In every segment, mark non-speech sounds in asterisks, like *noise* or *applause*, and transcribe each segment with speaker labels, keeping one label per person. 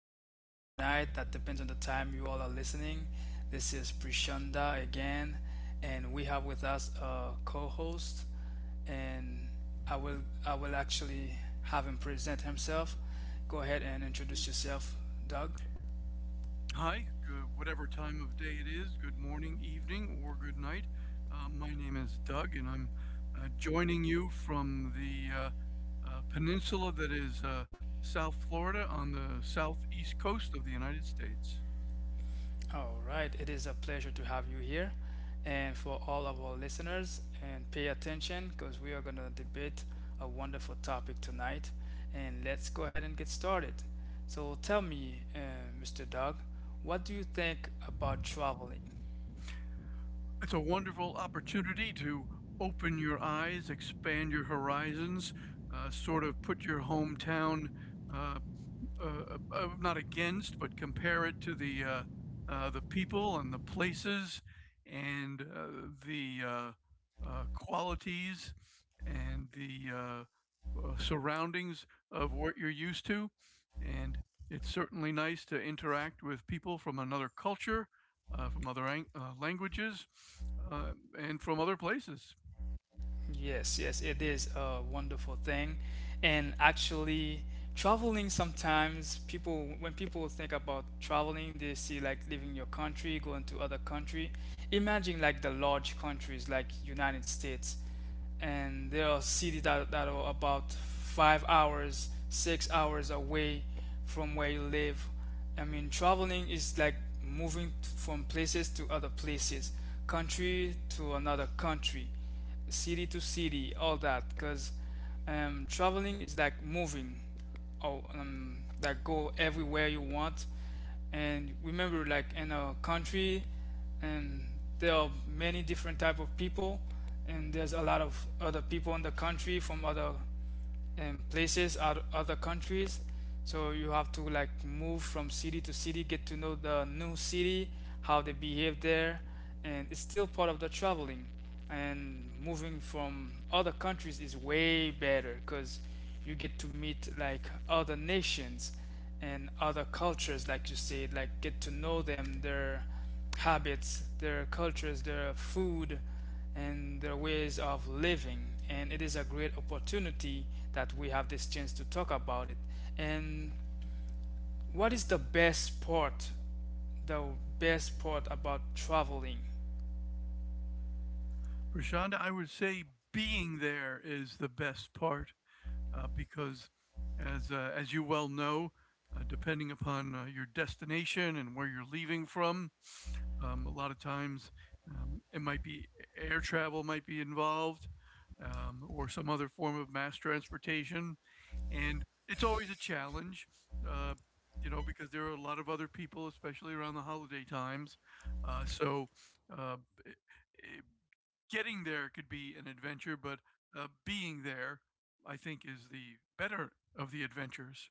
Speaker 1: morning, good night. That depends on the time you all are listening. This is Prishanda again, and we have with us a co-host, and I will actually have him present himself. Go ahead and introduce yourself, Doug.
Speaker 2: Hi, good, whatever time of day it is, good morning, evening, or good night. My name is Doug, and I'm joining you from the peninsula that is South Florida on the southeast coast of the United States.
Speaker 1: All right, it is a pleasure to have you here. And for all of our listeners, and pay attention because we are going to debate a wonderful topic tonight. And let's go ahead and get started. So, tell me, Mr. Doug, what do you think about traveling?
Speaker 2: It's a wonderful opportunity to open your eyes, expand your horizons, sort of put your hometown. Uh, uh, Not against, but compare it to the people and the places and the qualities and the surroundings of what you're used to. And it's certainly nice to interact with people from another culture, from other languages, uh, and from other places.
Speaker 1: Yes, yes, it is a wonderful thing. And actually, traveling sometimes people when people think about traveling, they see like leaving your country, going to other country. Imagine like the large countries like United States, and there are cities that are about 5 hours, 6 hours away from where you live. I mean, traveling is like moving from places to other places, country to another country, city to city, all that, because traveling is like moving, or like go everywhere you want. And remember, like in a country, and there are many different type of people, and there's a lot of other people in the country from other and places out other countries, so you have to like move from city to city, get to know the new city, how they behave there. And it's still part of the traveling, and moving from other countries is way better because you get to meet like other nations and other cultures, like you said, like get to know them, their habits, their cultures, their food, and their ways of living. And it is a great opportunity that we have this chance to talk about it. And what is the best part? The best part about traveling?
Speaker 2: Prashanda, I would say being there is the best part because, as you well know, depending upon your destination and where you're leaving from, a lot of times it might be air travel might be involved, or some other form of mass transportation, and it's always a challenge. Uh, you know, because there are a lot of other people, especially around the holiday times. Uh, so, uh, i- i- Getting there could be an adventure, but being there I think, is the better of the adventures.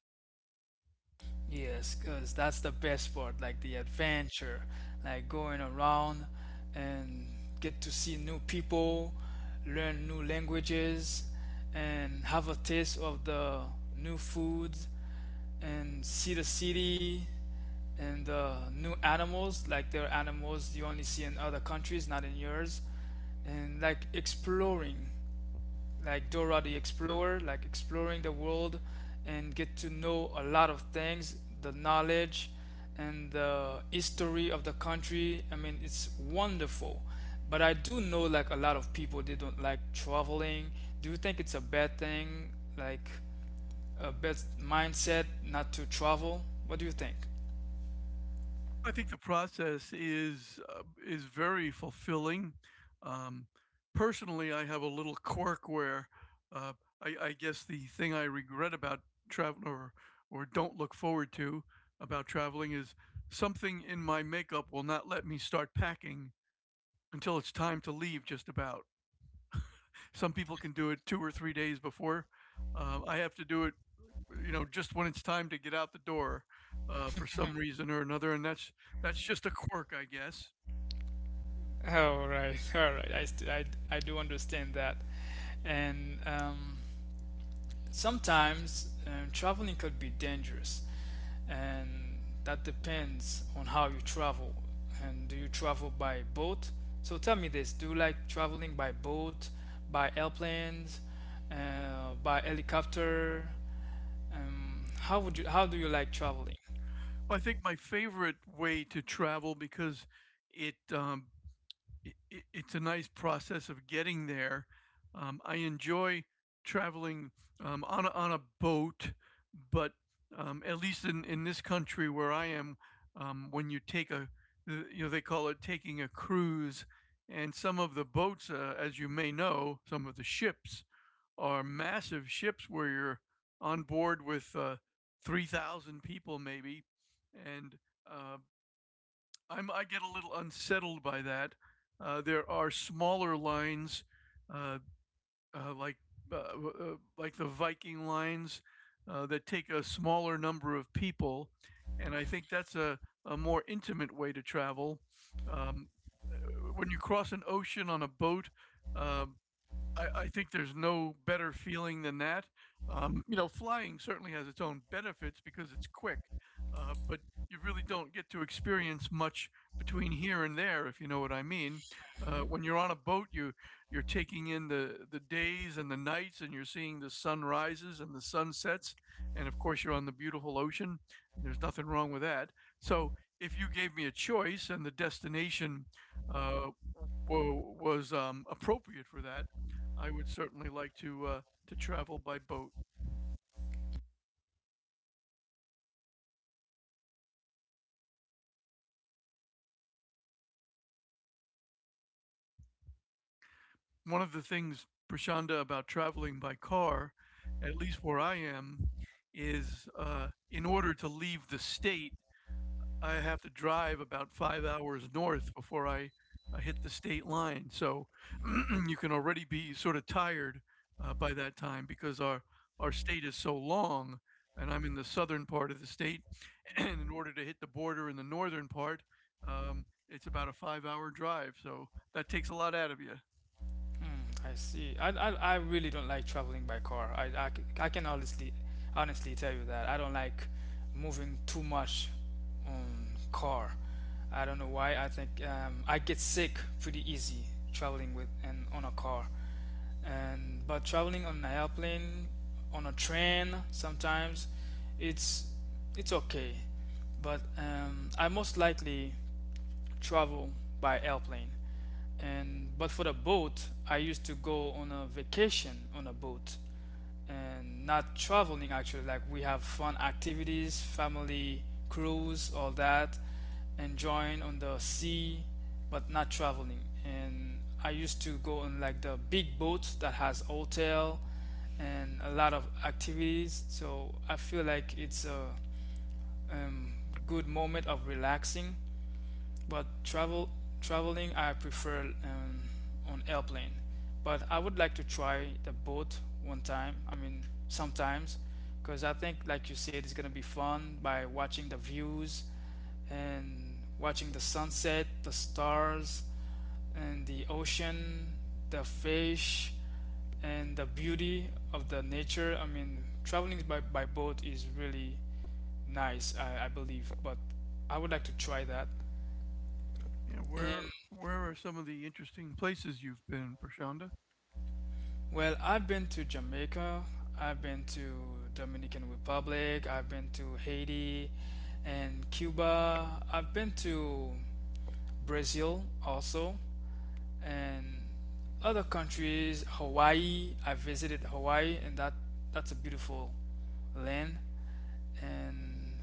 Speaker 1: Yes, because that's the best part, like the adventure, like going around and get to see new people, learn new languages, and have a taste of the new foods, and see the city, and new animals. Like there are animals you only see in other countries, not in yours, and like exploring, like Dora the Explorer, like exploring the world, and get to know a lot of things, the knowledge and the history of the country. I mean, it's wonderful. But I do know, like, a lot of people, they don't like traveling. Do you think it's a bad thing, like a bad mindset not to travel? What do you think?
Speaker 2: I think the process is very fulfilling. Um, Personally, I have a little quirk where uh, I guess the thing I regret about travel or don't look forward to about traveling is something in my makeup will not let me start packing until it's time to leave. Just about some people can do it 2 or 3 days before. I have to do it you know, just when it's time to get out the door for some reason or another. And that's just a quirk, I guess.
Speaker 1: All right, *laughs* all right. I do understand that. And sometimes traveling could be dangerous, and that depends on how you travel. And do you travel by boat? So tell me this, do you like traveling by boat, by airplanes, by helicopter? How would you, how do you like traveling?
Speaker 2: Well, I think my favorite way to travel because it um, it, it's a nice process of getting there. I enjoy traveling on a boat, but in this country where I am, when you take a you know they call it taking a cruise, and some of the boats, as you may know, some of the ships are massive ships where you're on board with 3,000 people maybe, and uh, I get a little unsettled by that. There are smaller lines, uh, uh, like like the Viking lines, that take a smaller number of people, and I think a more intimate way to travel. Um, when you cross an ocean on a boat, um, I think there's no better feeling than that. You know, flying certainly has its own benefits because it's quick, but you really don't get to experience much between here and there, if you know what I mean.
Speaker 1: Mm-hmm.
Speaker 2: When you're on a boat, you're taking in the days and the nights, and you're seeing the sunrises and the sunsets, and of course you're on the beautiful ocean, and there's nothing wrong with that. So if you gave me a choice and the destination uh, was appropriate for that, I would certainly like to travel by boat. One of the things, Prashanda, about traveling by car, at least where I am, is in order to leave the state, I have to drive about 5 hours north before I hit the state line. So *clears throat* you can already be sort of tired by that time because our state is so long, and I'm in the southern part of the state *clears throat* and in order to hit the border in the northern part, it's about a five-hour drive. So that takes a lot out of you.
Speaker 1: Hmm, I see. I really don't like traveling by car. I can honestly tell you that I don't like moving too much on car. I don't know why. I think I get sick pretty easy traveling with and on a car. And but traveling on an airplane, on a train sometimes, it's it's okay. But I most likely travel by airplane. And but for the boat, I used to go on a vacation on a boat, and not traveling. Actually, like, we have fun activities, family cruise, all that, enjoying on the sea, but not traveling. And I used to go on like the big boat that has hotel and a lot of activities, so I feel like it's a um, good moment of relaxing. But traveling, I prefer on airplane. But I would like to try the boat one time. I mean, sometimes, because I think, like you said, it's gonna be fun by watching the views and watching the sunset, the stars, and the ocean, the fish, and the beauty of the nature. I mean, traveling by boat is really nice, I believe. But I would like to try that.
Speaker 2: You know,
Speaker 1: And.
Speaker 2: where are some of the interesting places you've been, Prashanda?
Speaker 1: Well, I've been to Jamaica, I've been to Dominican Republic, I've been to Haiti and Cuba. I've been to Brazil also, and other countries, Hawaii. I visited Hawaii, and that's a beautiful land. And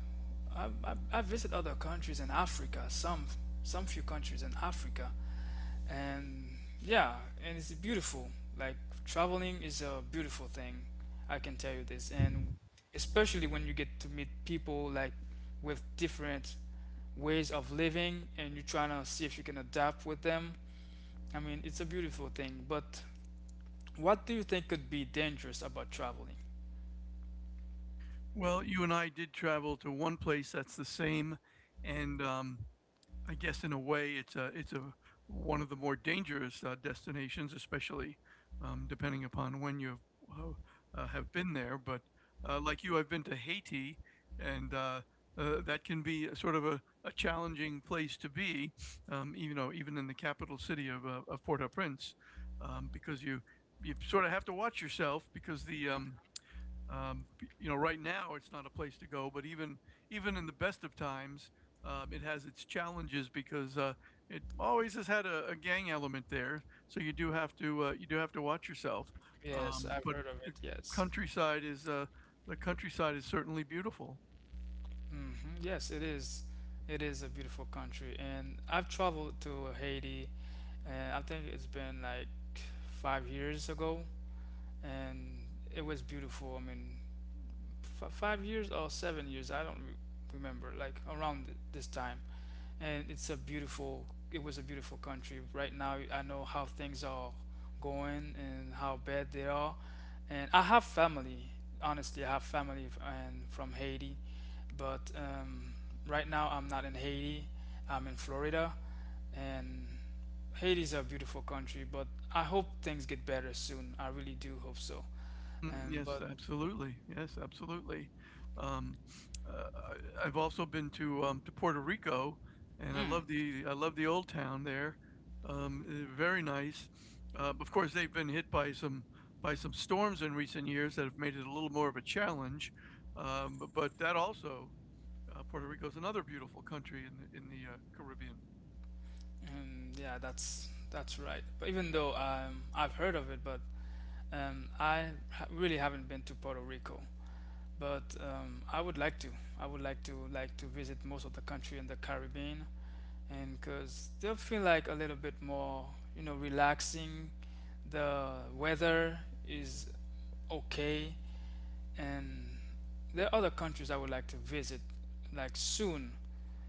Speaker 1: I visit other countries in Africa, some few countries in Africa. And yeah, and it's beautiful. Like, traveling is a beautiful thing, I can tell you this. And especially when you get to meet people, like, with different ways of living, and you're trying to see if you can adapt with them. I mean, it's a beautiful thing, but what do you think could be dangerous about traveling?
Speaker 2: Well, you and I did travel to one place that's the same, and I guess in a way, it's a one of the more dangerous destinations, especially depending upon when you uh, have been there. But like you, I've been to Haiti, and that can be a sort of a challenging place to be, you know, even in the capital city of Port-au-Prince, because you sort of have to watch yourself because the um, you know, right now it's not a place to go, but even in the best of times, it has its challenges because it always has had a gang element there. So you do have to you do have to watch yourself.
Speaker 1: Yes, I've
Speaker 2: But
Speaker 1: heard of
Speaker 2: the
Speaker 1: it, yes.
Speaker 2: countryside is certainly beautiful.
Speaker 1: Hmm, yes it is. It is a beautiful country, and I've traveled to Haiti, and I think it's been like 5 years ago, and it was beautiful. I mean, 5 years or 7 years, I don't remember. Like around this time, and it's a beautiful. It was a beautiful country. Right now, I know how things are going and how bad they are, and I have family. Honestly, I have family and from Haiti, but right now I'm not in Haiti. I'm in Florida, and Haiti's a beautiful country, but I hope things get better soon. I really do hope so.
Speaker 2: Mm, yes,
Speaker 1: But
Speaker 2: absolutely. Yes, absolutely. Um, uh, I, I've also been to Puerto Rico, and
Speaker 1: mm,
Speaker 2: I love the old town there. Very nice. Of course, they've been hit by some storms in recent years that have made it a little more of a challenge. But that also, Puerto Rico is another beautiful country in the Caribbean.
Speaker 1: yeah, that's right. But even though I've heard of it, but really haven't been to Puerto Rico. But I would like to. I would like to visit most of the country in the Caribbean, and cause they'll feel like a little bit more, you know, relaxing. The weather is okay, and there are other countries I would like to visit like soon,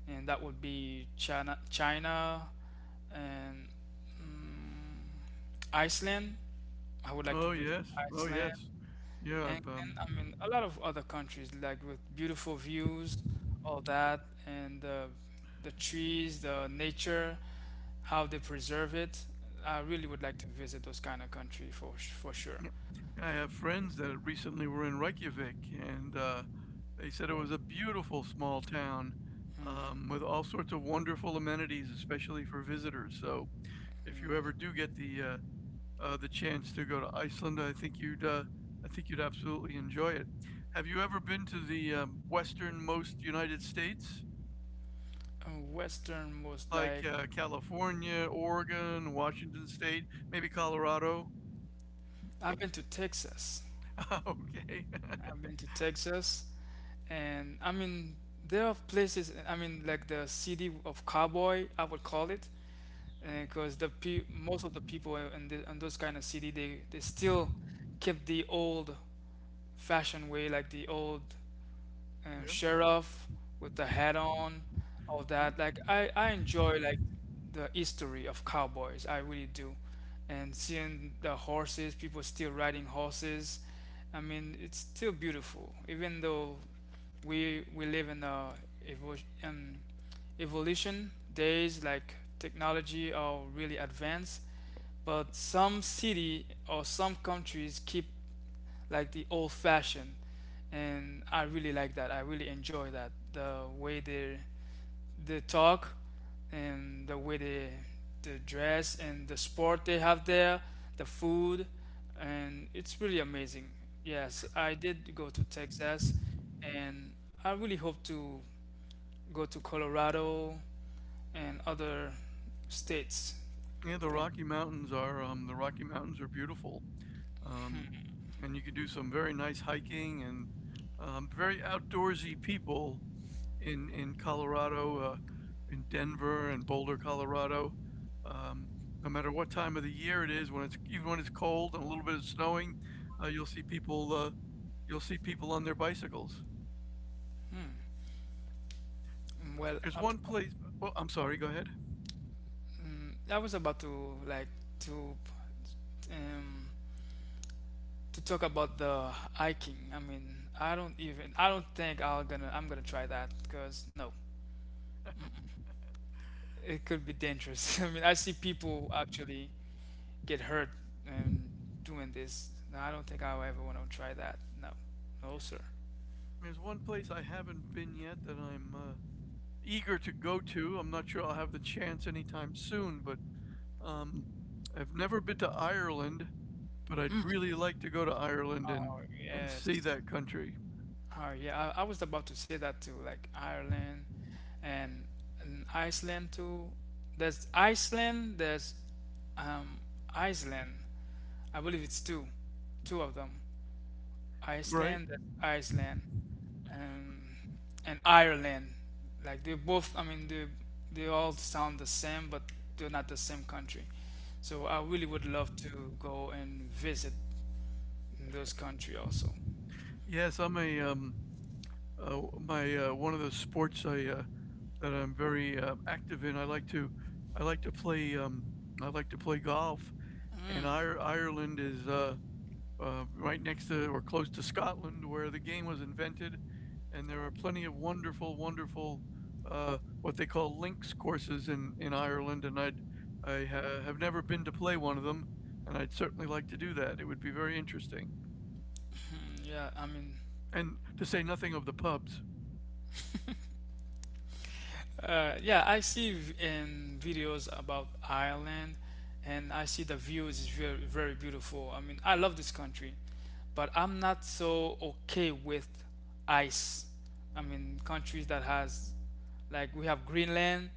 Speaker 1: and that would be China, China, and mm, Iceland. I would like to
Speaker 2: Oh
Speaker 1: visit
Speaker 2: yes, oh
Speaker 1: Iceland,
Speaker 2: yes, yeah.
Speaker 1: England. I mean, a lot of other countries like with beautiful views, all that, and the trees, the nature, how they preserve it. I really would like to visit those kind of country for for sure.
Speaker 2: Yep. I have friends that recently were in Reykjavik, and they said it was a beautiful small town
Speaker 1: Mm,
Speaker 2: with all sorts of wonderful amenities, especially for visitors. So if you ever do
Speaker 1: mm.
Speaker 2: get the chance to go to Iceland, I think you'd absolutely enjoy it. Have you ever been to the westernmost United States,
Speaker 1: Western most
Speaker 2: like
Speaker 1: like.
Speaker 2: California, Oregon, Washington State, maybe Colorado?
Speaker 1: I've been to Texas.
Speaker 2: *laughs* Okay. *laughs*
Speaker 1: I've been to Texas, and I mean, there are places. I mean, like the city of cowboy, I would call it, because the pe most of the people in the, in those kind of city, they still keep the old fashioned way, like the old
Speaker 2: Yep.
Speaker 1: sheriff with the hat on, all
Speaker 2: Mm.
Speaker 1: that. Like I enjoy like the history of cowboys. I really do, and seeing the horses, people still riding horses. I mean, it's still beautiful, even though we live in a evo- um, evolution days, like technology are really advanced, but some city or some countries keep like the old fashioned, and I really like that. I really enjoy that, the way they talk, and the way they the dress, and the sport they have there, the food, and it's really amazing. Yes, I did go to Texas, and I really hope to go to Colorado and other states.
Speaker 2: Yeah,
Speaker 1: And
Speaker 2: The Rocky Mountains are beautiful, um, and you could do some very nice hiking and very outdoorsy people in Colorado, in Denver and Boulder, Colorado. Um, no matter what time of the year it is, when it's even when it's cold and a little bit of snowing, uh, you'll see people uh, you'll see people on their bicycles.
Speaker 1: hmm, well,
Speaker 2: There's
Speaker 1: up,
Speaker 2: one place. Oh, I'm sorry. Go ahead.
Speaker 1: mm, I was about to like to um, to talk about the hiking. I mean, I don't even. I don't think I'm gonna. I'm gonna try that because no, it could be dangerous. *laughs* I mean, I see people actually get hurt um, doing this. No, I don't think I will ever want to try that. No, no, sir.
Speaker 2: There's one place I haven't been yet that I'm eager to go to. I'm not sure I'll have the chance anytime soon, but um, I've never been to Ireland, but I'd really like to go to Ireland
Speaker 1: Oh
Speaker 2: and see
Speaker 1: yes.
Speaker 2: that country.
Speaker 1: Oh yeah. I was about to say that too. Like Ireland and, and Iceland too. There's Iceland. There's um Iceland. I believe it's two, two of them.
Speaker 2: Right?
Speaker 1: Iceland, that's Iceland, um, and Ireland. Like they both, I mean, they all sound the same, but they're not the same country. So I really would love to go and visit those country also.
Speaker 2: Yes, I'm a my One of the sports I that I'm very active in. I like to play I like to play golf, and Ireland is right next to or close to Scotland, where the game was invented, and there are plenty of wonderful, wonderful what they call links courses in Ireland, and I have never been to play one of them, and I'd certainly like to do that. It would be very interesting,
Speaker 1: Hmm, yeah, I mean.
Speaker 2: and to say nothing of the pubs.
Speaker 1: Yeah, I see in videos about Ireland, and I see the views is very, very beautiful. I mean, I love this country, but I'm not so okay with ice. I mean, countries that has, like, we have Greenland,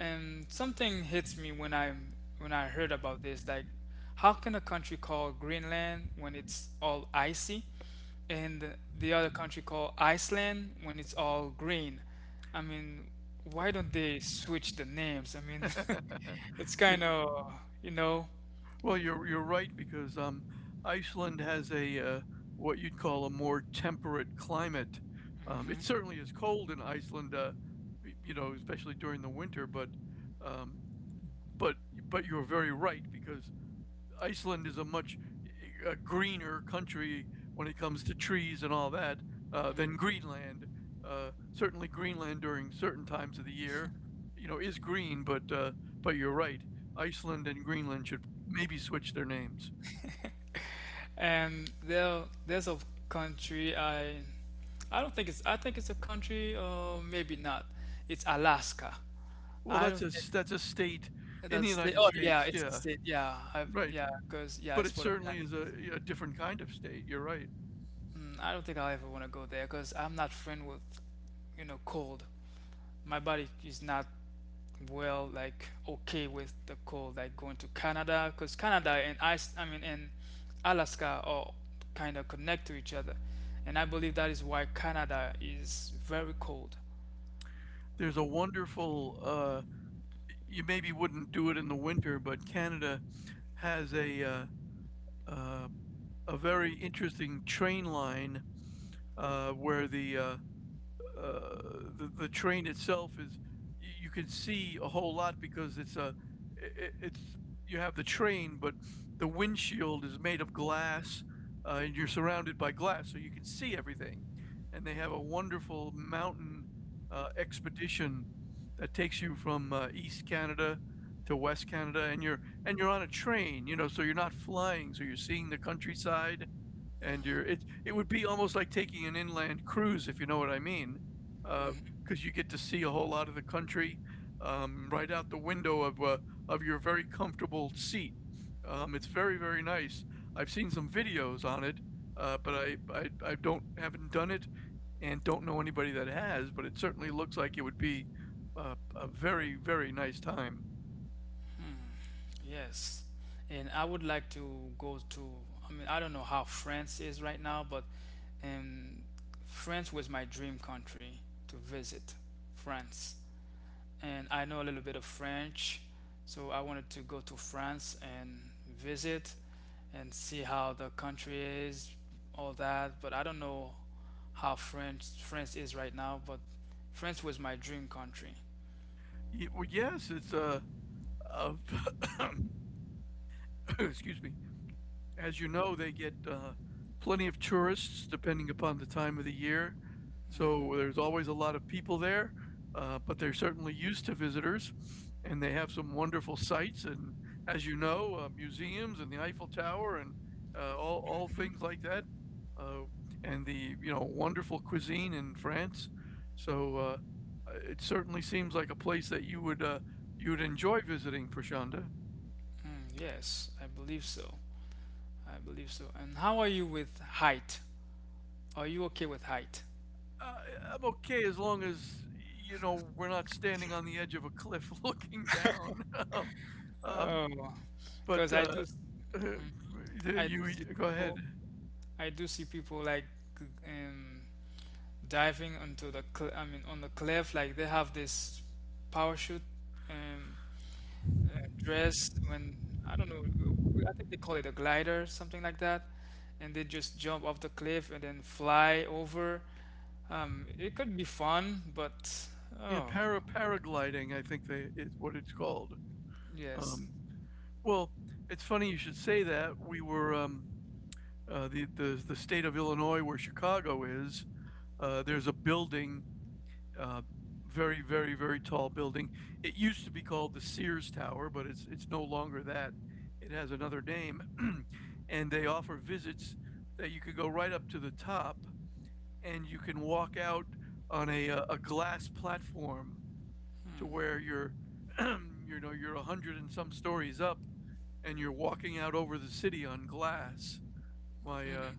Speaker 1: and something hits me when I heard about this. Like, how can a country call Greenland when it's all icy, and the other country called Iceland when it's all green? I mean, why don't they switch the names? I mean, *laughs*
Speaker 2: *laughs*
Speaker 1: it's
Speaker 2: You.
Speaker 1: kind of, you know.
Speaker 2: Well, you're right because Iceland has a what you'd call a more temperate climate. It
Speaker 1: Mhm.
Speaker 2: certainly is cold in Iceland, you know, especially during the winter. Um, but but you're very right because Iceland is a much a greener country when it comes to trees and all that than Greenland. Certainly, Greenland during certain times of the year, you know, is green. But you're right. Iceland and Greenland should maybe switch their names.
Speaker 1: And there's a country I don't think it's. I think it's a country, or maybe not. It's Alaska.
Speaker 2: Well,
Speaker 1: I don't think
Speaker 2: that's a state in the
Speaker 1: that's state.
Speaker 2: United
Speaker 1: Oh yeah,
Speaker 2: States.
Speaker 1: it's a
Speaker 2: Yeah,
Speaker 1: state. Yeah,
Speaker 2: right.
Speaker 1: because yeah,
Speaker 2: But
Speaker 1: it's
Speaker 2: it
Speaker 1: for the
Speaker 2: certainly
Speaker 1: United
Speaker 2: is
Speaker 1: States.
Speaker 2: a different kind of state. You're right.
Speaker 1: Mm, I don't think I'll ever want to go there because I'm not friend with, you know, cold. My body is not well, like okay with the cold, like going to Canada, because Canada and ice, I mean and Alaska are kind of connect to each other, and I believe that is why Canada is very cold.
Speaker 2: There's a wonderful. You maybe wouldn't do it in the winter, but Canada has uh, a very interesting train line where uh, the train itself is you can see a whole lot because it's a I- it's you have the train but the windshield is made of glass, and you're surrounded by glass so you can see everything, and they have a wonderful mountain expedition that takes you from East Canada to West Canada, and you're on a train, you know, so you're not flying, so you're seeing the countryside, and
Speaker 1: Mhm.
Speaker 2: you're it it would be almost like taking an inland cruise if you know what I mean, because
Speaker 1: Mhm.
Speaker 2: you get to see a whole lot of the country, right out the window of your very comfortable seat. It's very very nice. I've seen some videos on it, I don't haven't done it, and don't know anybody that has. But it certainly looks like it would be uh, a very very nice time.
Speaker 1: Yes, and I would like to go to, I don't know how France is right now, but um France was my dream country to visit. France. And I know a little bit of French, so I wanted to go to France and visit and see how the country is, all that. But I don't know how France is right now, but France was my dream country.
Speaker 2: Well, yes, it's a *coughs* excuse me. As you know, they get plenty of tourists depending upon the time of the year. So there's always a lot of people there, but they're certainly used to visitors. And they have some wonderful sights, and as you know, museums and the Eiffel Tower and all things like that. Uh, and the wonderful cuisine in France. So it certainly seems like a place that you would enjoy visiting, Prashanda.
Speaker 1: Mm, yes, I believe so. I believe so. And how are you with height? Are you okay with height?
Speaker 2: Uh, I'm okay as long as you know we're not standing on the edge of a cliff *laughs* looking down. *laughs* Um, um,
Speaker 1: Oh,
Speaker 2: but
Speaker 1: because
Speaker 2: *laughs*
Speaker 1: I do
Speaker 2: you
Speaker 1: see
Speaker 2: go ahead.
Speaker 1: people. I do see people like um, diving onto the cl- I mean on the cliff, like they have this parachute, um, dress. When I don't know, I think they call it a glider, something like that, and they just jump off the cliff and then fly over. It could be fun, but
Speaker 2: Yeah,
Speaker 1: oh,
Speaker 2: paragliding, I think they is what it's called.
Speaker 1: yes.
Speaker 2: Um, well, it's funny you should say that. We were the state of Illinois, where Chicago is. There's a building uh, very, very, very tall building. It used to be called the Sears Tower, but it's no longer that. It has another name, *clears throat* and they offer visits that you could go right up to the top, and you can walk out on a glass platform to where you're, *clears throat* you know, you're a hundred and some stories up, and you're walking out over the city on glass. My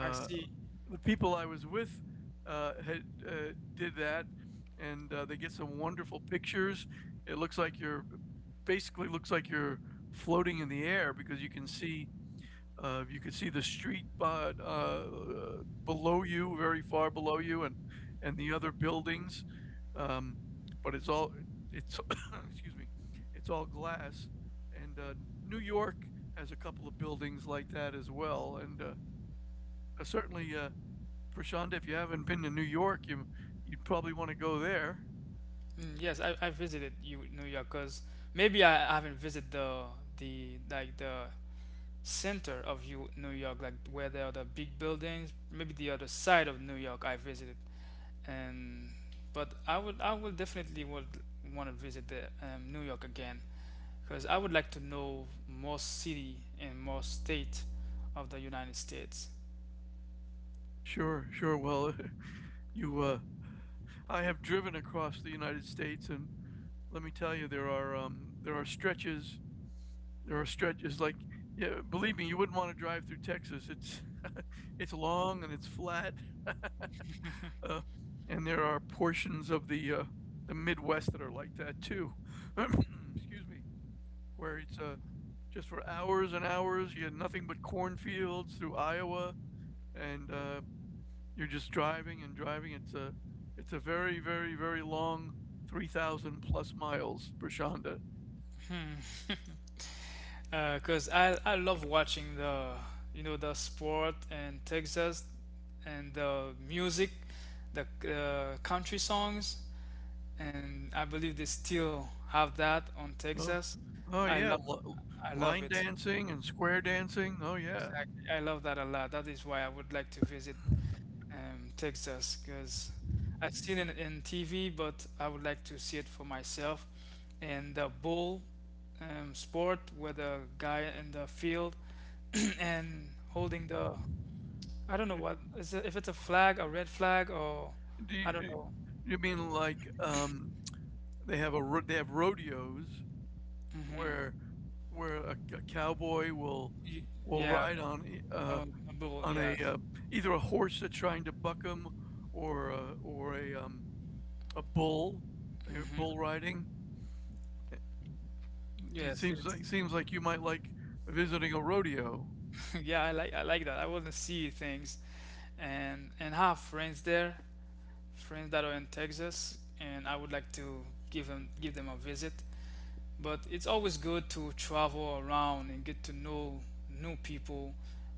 Speaker 1: I see.
Speaker 2: the people I was with had did that, and they get some wonderful pictures. It looks like you're basically looks like you're floating in the air because you can see the street below you, very far below you, and the other buildings. Um, but it's *coughs* excuse me, it's all glass. And New York has a couple of buildings like that as well, and certainly. Prashanda, if you haven't been to New York, you'd probably want to go there.
Speaker 1: Mm, yes, I visited you New York, because maybe I haven't visited the, like the center of you New York, like where there are the big buildings. Maybe the other side of New York I visited. And but I would, I would definitely would want to visit the New York again, because I would like to know more city and more state of the United States.
Speaker 2: Sure, sure. Well, *laughs* you, uh, I have driven across the United States, and let me tell you, there are stretches like, yeah, believe me, you wouldn't want to drive through Texas. It's *laughs* it's long and it's flat. Uh, and there are portions of the Midwest that are like that too. *clears throat* Excuse me, where it's just for hours and hours. You had nothing but cornfields through Iowa, and you're just driving and driving. It's a very very very long 3,000 plus miles for.
Speaker 1: Because I love watching the the sport and Texas, and the music, the country songs. And I believe they still have that on
Speaker 2: Oh,
Speaker 1: Texas.
Speaker 2: oh
Speaker 1: I
Speaker 2: yeah,
Speaker 1: love, I love
Speaker 2: line
Speaker 1: it.
Speaker 2: dancing and square
Speaker 1: Mm,
Speaker 2: dancing. Oh yeah.
Speaker 1: exactly. I love that a lot. That is why I would like to visit Texas, because I've seen it in TV, but I would like to see it for myself. And the bull, sport with a guy in the field *clears throat* and holding the, I don't know
Speaker 2: Uh,
Speaker 1: what is it, if it's a flag, a red flag, or
Speaker 2: Do you,
Speaker 1: I don't know.
Speaker 2: you mean like they have a they have rodeos where
Speaker 1: Hmm.
Speaker 2: where a cowboy will
Speaker 1: Yeah,
Speaker 2: ride on
Speaker 1: a bull.
Speaker 2: on a
Speaker 1: Yeah.
Speaker 2: either a horse that's trying to buck him or a, or a bull. They're bull
Speaker 1: Hmm.
Speaker 2: riding. Eh, It
Speaker 1: Yes, it's.
Speaker 2: seems like you might like visiting a rodeo.
Speaker 1: *laughs* yeah, I like, I like that. I want to see things, and have friends there, friends that are in Texas, and I would like to give them a visit. But it's always good to travel around and get to know new people,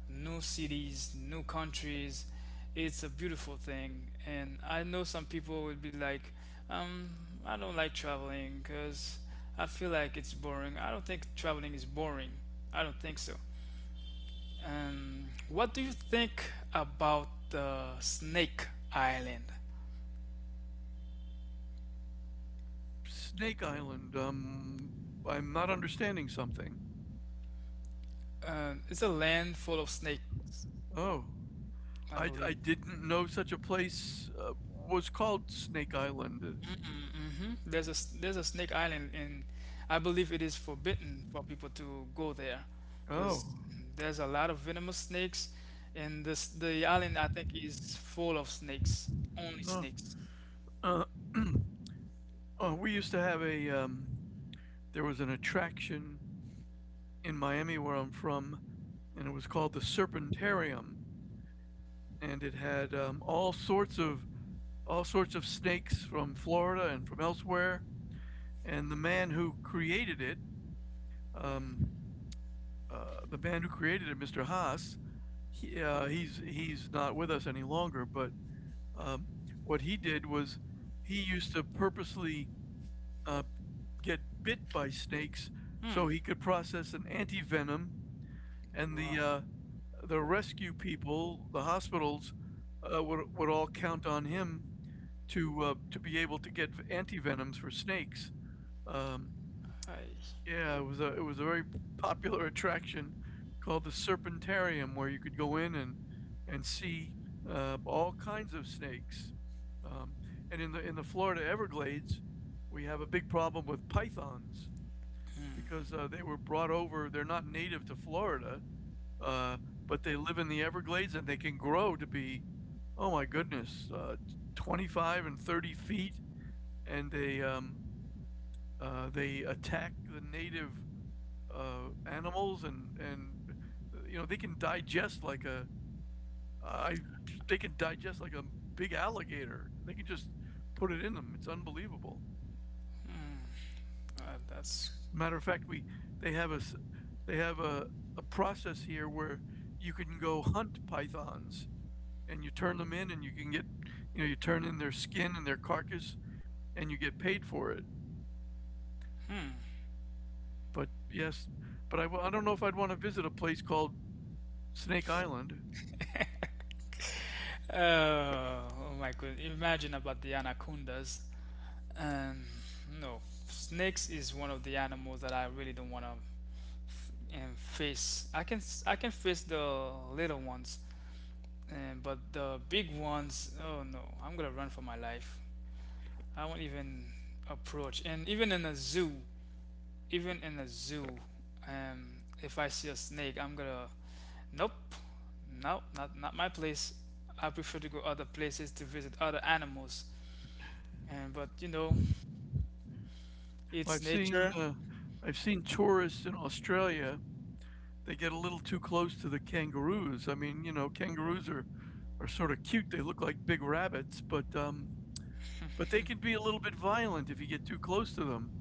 Speaker 1: new cities, new countries. It's a beautiful thing. And I know some people would be like, um, I don't like traveling because I feel like it's boring. I don't think traveling is boring. I don't think so. What do you think about the Snake Island?
Speaker 2: Snake Island. I'm not understanding something.
Speaker 1: It's a land full of snakes,
Speaker 2: Oh,
Speaker 1: I
Speaker 2: I
Speaker 1: believe.
Speaker 2: didn't know such a place was called Snake Island.
Speaker 1: Mm-hmm. There's there's a Snake Island, and I believe it is forbidden for people to go there, because
Speaker 2: Oh,
Speaker 1: there's a lot of venomous snakes, and this the island, I think, is full of snakes, only
Speaker 2: no.
Speaker 1: snakes.
Speaker 2: Uh, *clears throat* we used to have a there was an attraction in Miami where I'm from, and it was called the Serpentarium, and it had all sorts of snakes from Florida and from elsewhere. And the man who created it, um, the man who created it, Mr. Haas, he's he's not with us any longer. But um, what he did was he used to purposely uh, get bit by snakes
Speaker 1: Hmm.
Speaker 2: so he could process an antivenom and
Speaker 1: Wow.
Speaker 2: the rescue people, the hospitals, would all count on him to be able to get antivenoms for snakes. Um,
Speaker 1: I,
Speaker 2: yeah, it was a very popular attraction called the Serpentarium, where you could go in and see all kinds of snakes. Um, and in the Florida Everglades, we have a big problem with pythons
Speaker 1: hmm.
Speaker 2: because they were brought over. They're not native to Florida, uh, but they live in the Everglades and they can grow to be, oh my goodness, 25 and 30 feet. And they They attack the native animals and you know they can digest like a I they can digest like a big alligator. They can just put it in them. It's unbelievable.
Speaker 1: That's.
Speaker 2: Matter of fact, we they have a they have a, a process here where you can go hunt pythons and you turn them in and you can get you know you turn in their skin and their carcass and you get paid for it. But yes, but I don't know if I'd want to visit a place called Snake Island.
Speaker 1: Oh, oh my goodness! Imagine about the anacondas. And no, snakes is one of the animals that I really don't want to face. I can I can face the little ones, and but the big ones, oh no, I'm gonna run for my life. I won't even approach. And even in a zoo, even in a zoo, if I see a snake, I'm gonna nope, nope, not not my place. I prefer to go other places to visit other animals. And but you know,
Speaker 2: Well,
Speaker 1: it's nature.
Speaker 2: I've seen tourists in Australia they get a little too close to the kangaroos. I mean, you know, kangaroos are sort of cute. They look like big rabbits, but but they can be a little bit violent if you get too close to them.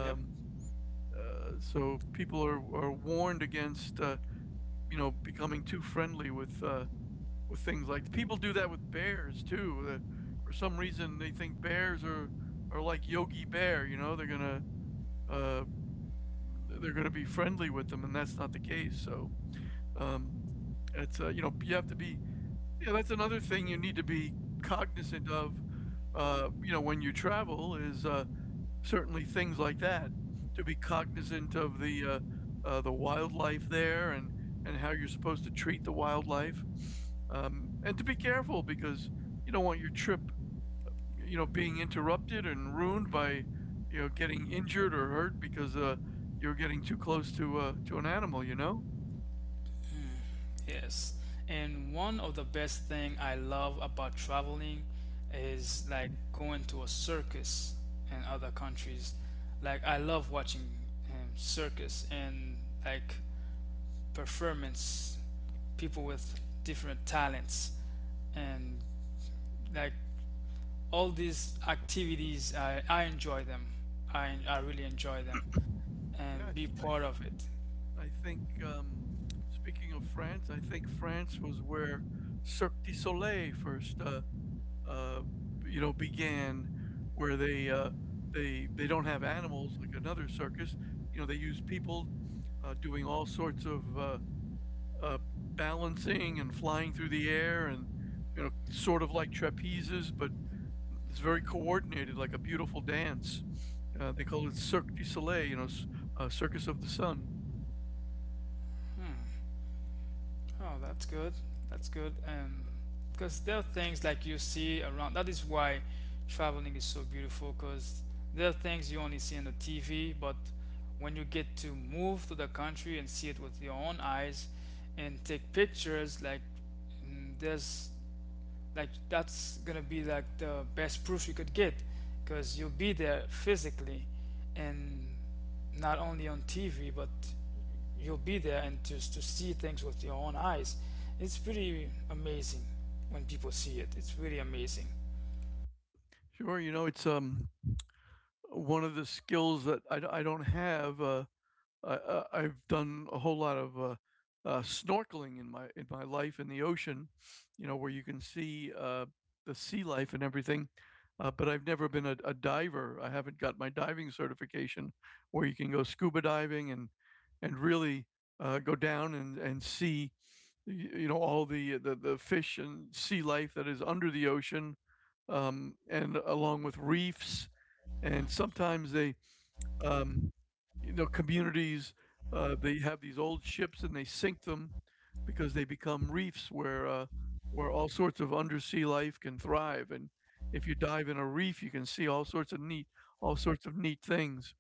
Speaker 1: Yep.
Speaker 2: so people are warned against you know becoming too friendly with things like people do that with bears too. For some reason, they think bears are like Yogi Bear. You know, uh, they're gonna be friendly with them, and that's not the case. So um, it's you know you have to be. Yeah, that's another thing you need to be cognizant of, you know, when you travel is certainly things like that. To be cognizant of the wildlife there and how you're supposed to treat the wildlife, and to be careful because you don't want your trip, you know, being interrupted and ruined by you know getting injured or hurt because you're getting too close to an animal. You know.
Speaker 1: Yes, and one of the best thing I love about traveling is like going to a circus in other countries. Like I love watching circus and like performance, people with different talents and like all these activities. I enjoy them. I really enjoy them
Speaker 2: Yeah, I,
Speaker 1: and be
Speaker 2: th-
Speaker 1: part of it.
Speaker 2: I think, um, speaking of France, I think France was where Cirque du Soleil first, uh, you know, began, where they don't have animals like another circus. You know, they use people doing all sorts of uh, balancing and flying through the air, and you know, sort of like trapezes, but it's very
Speaker 1: Mhm.
Speaker 2: coordinated, like a beautiful dance. They call it Cirque du Soleil, you know, Circus of the Sun.
Speaker 1: Hmm. Oh, that's good. That's good. Because there are things like you see around. That is why traveling is so beautiful. Because there are things you only see on the TV, but when you get to move to the country and see it with your own eyes, and take pictures, like mm, there's like that's gonna be like the best proof you could get, because you'll be there physically, and not only on TV, but you'll be there, and just to see things with your own eyes, it's pretty amazing. When people see it, it's really amazing.
Speaker 2: Sure, you know, it's one of the skills that I don't have. Have done a whole lot of snorkeling in my life in the ocean, you know, where you can see the sea life and everything. But I've never been a diver. I haven't got my diving certification, where you can go scuba diving and really go down and see, you know, all the fish and sea life that is under the ocean, and along with reefs and
Speaker 1: Mm.
Speaker 2: sometimes um, you know, communities they have these old ships and they sink them because they become reefs where all sorts of undersea life can thrive. And if you dive in a reef, you can see all sorts of neat all sorts of neat things.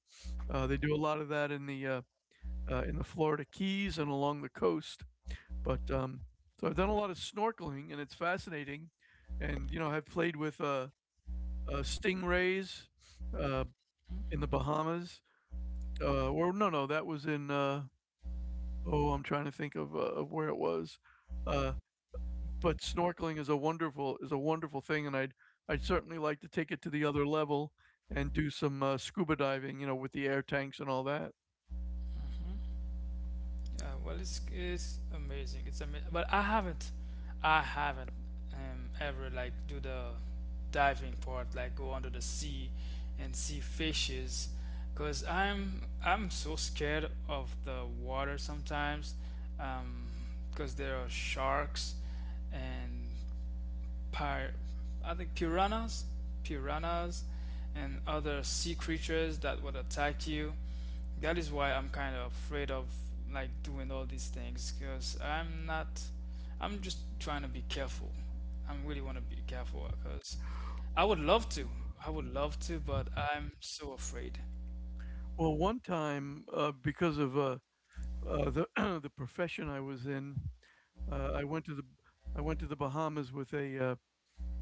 Speaker 2: They do a lot of that in the Florida Keys and along the coast. But so I've done a lot of snorkeling, and it's fascinating. And you know, I've played with stingrays uh, in the Bahamas. Well, no, no, that was in, oh, I'm trying to think of where it was. Uh, but snorkeling is a wonderful thing, and I'd certainly like to take it to the other level and do some scuba diving, you know, with the air tanks and all that.
Speaker 1: Uh, well, it's amazing, it's amazing, but I haven't, I haven't ever like do the diving part, like go under the sea and see fishes, because I'm so scared of the water sometimes, because there are sharks and pir- I think piranhas, piranhas, and other sea creatures that would attack you. That is why I'm kind of afraid of like doing all these things, because I'm not. I'm just trying to be careful. I really want to be careful, because I would love to. I would love to, but I'm so afraid.
Speaker 2: Well, one time, because of the *clears throat* the profession I was in, I went to the I went to the Bahamas with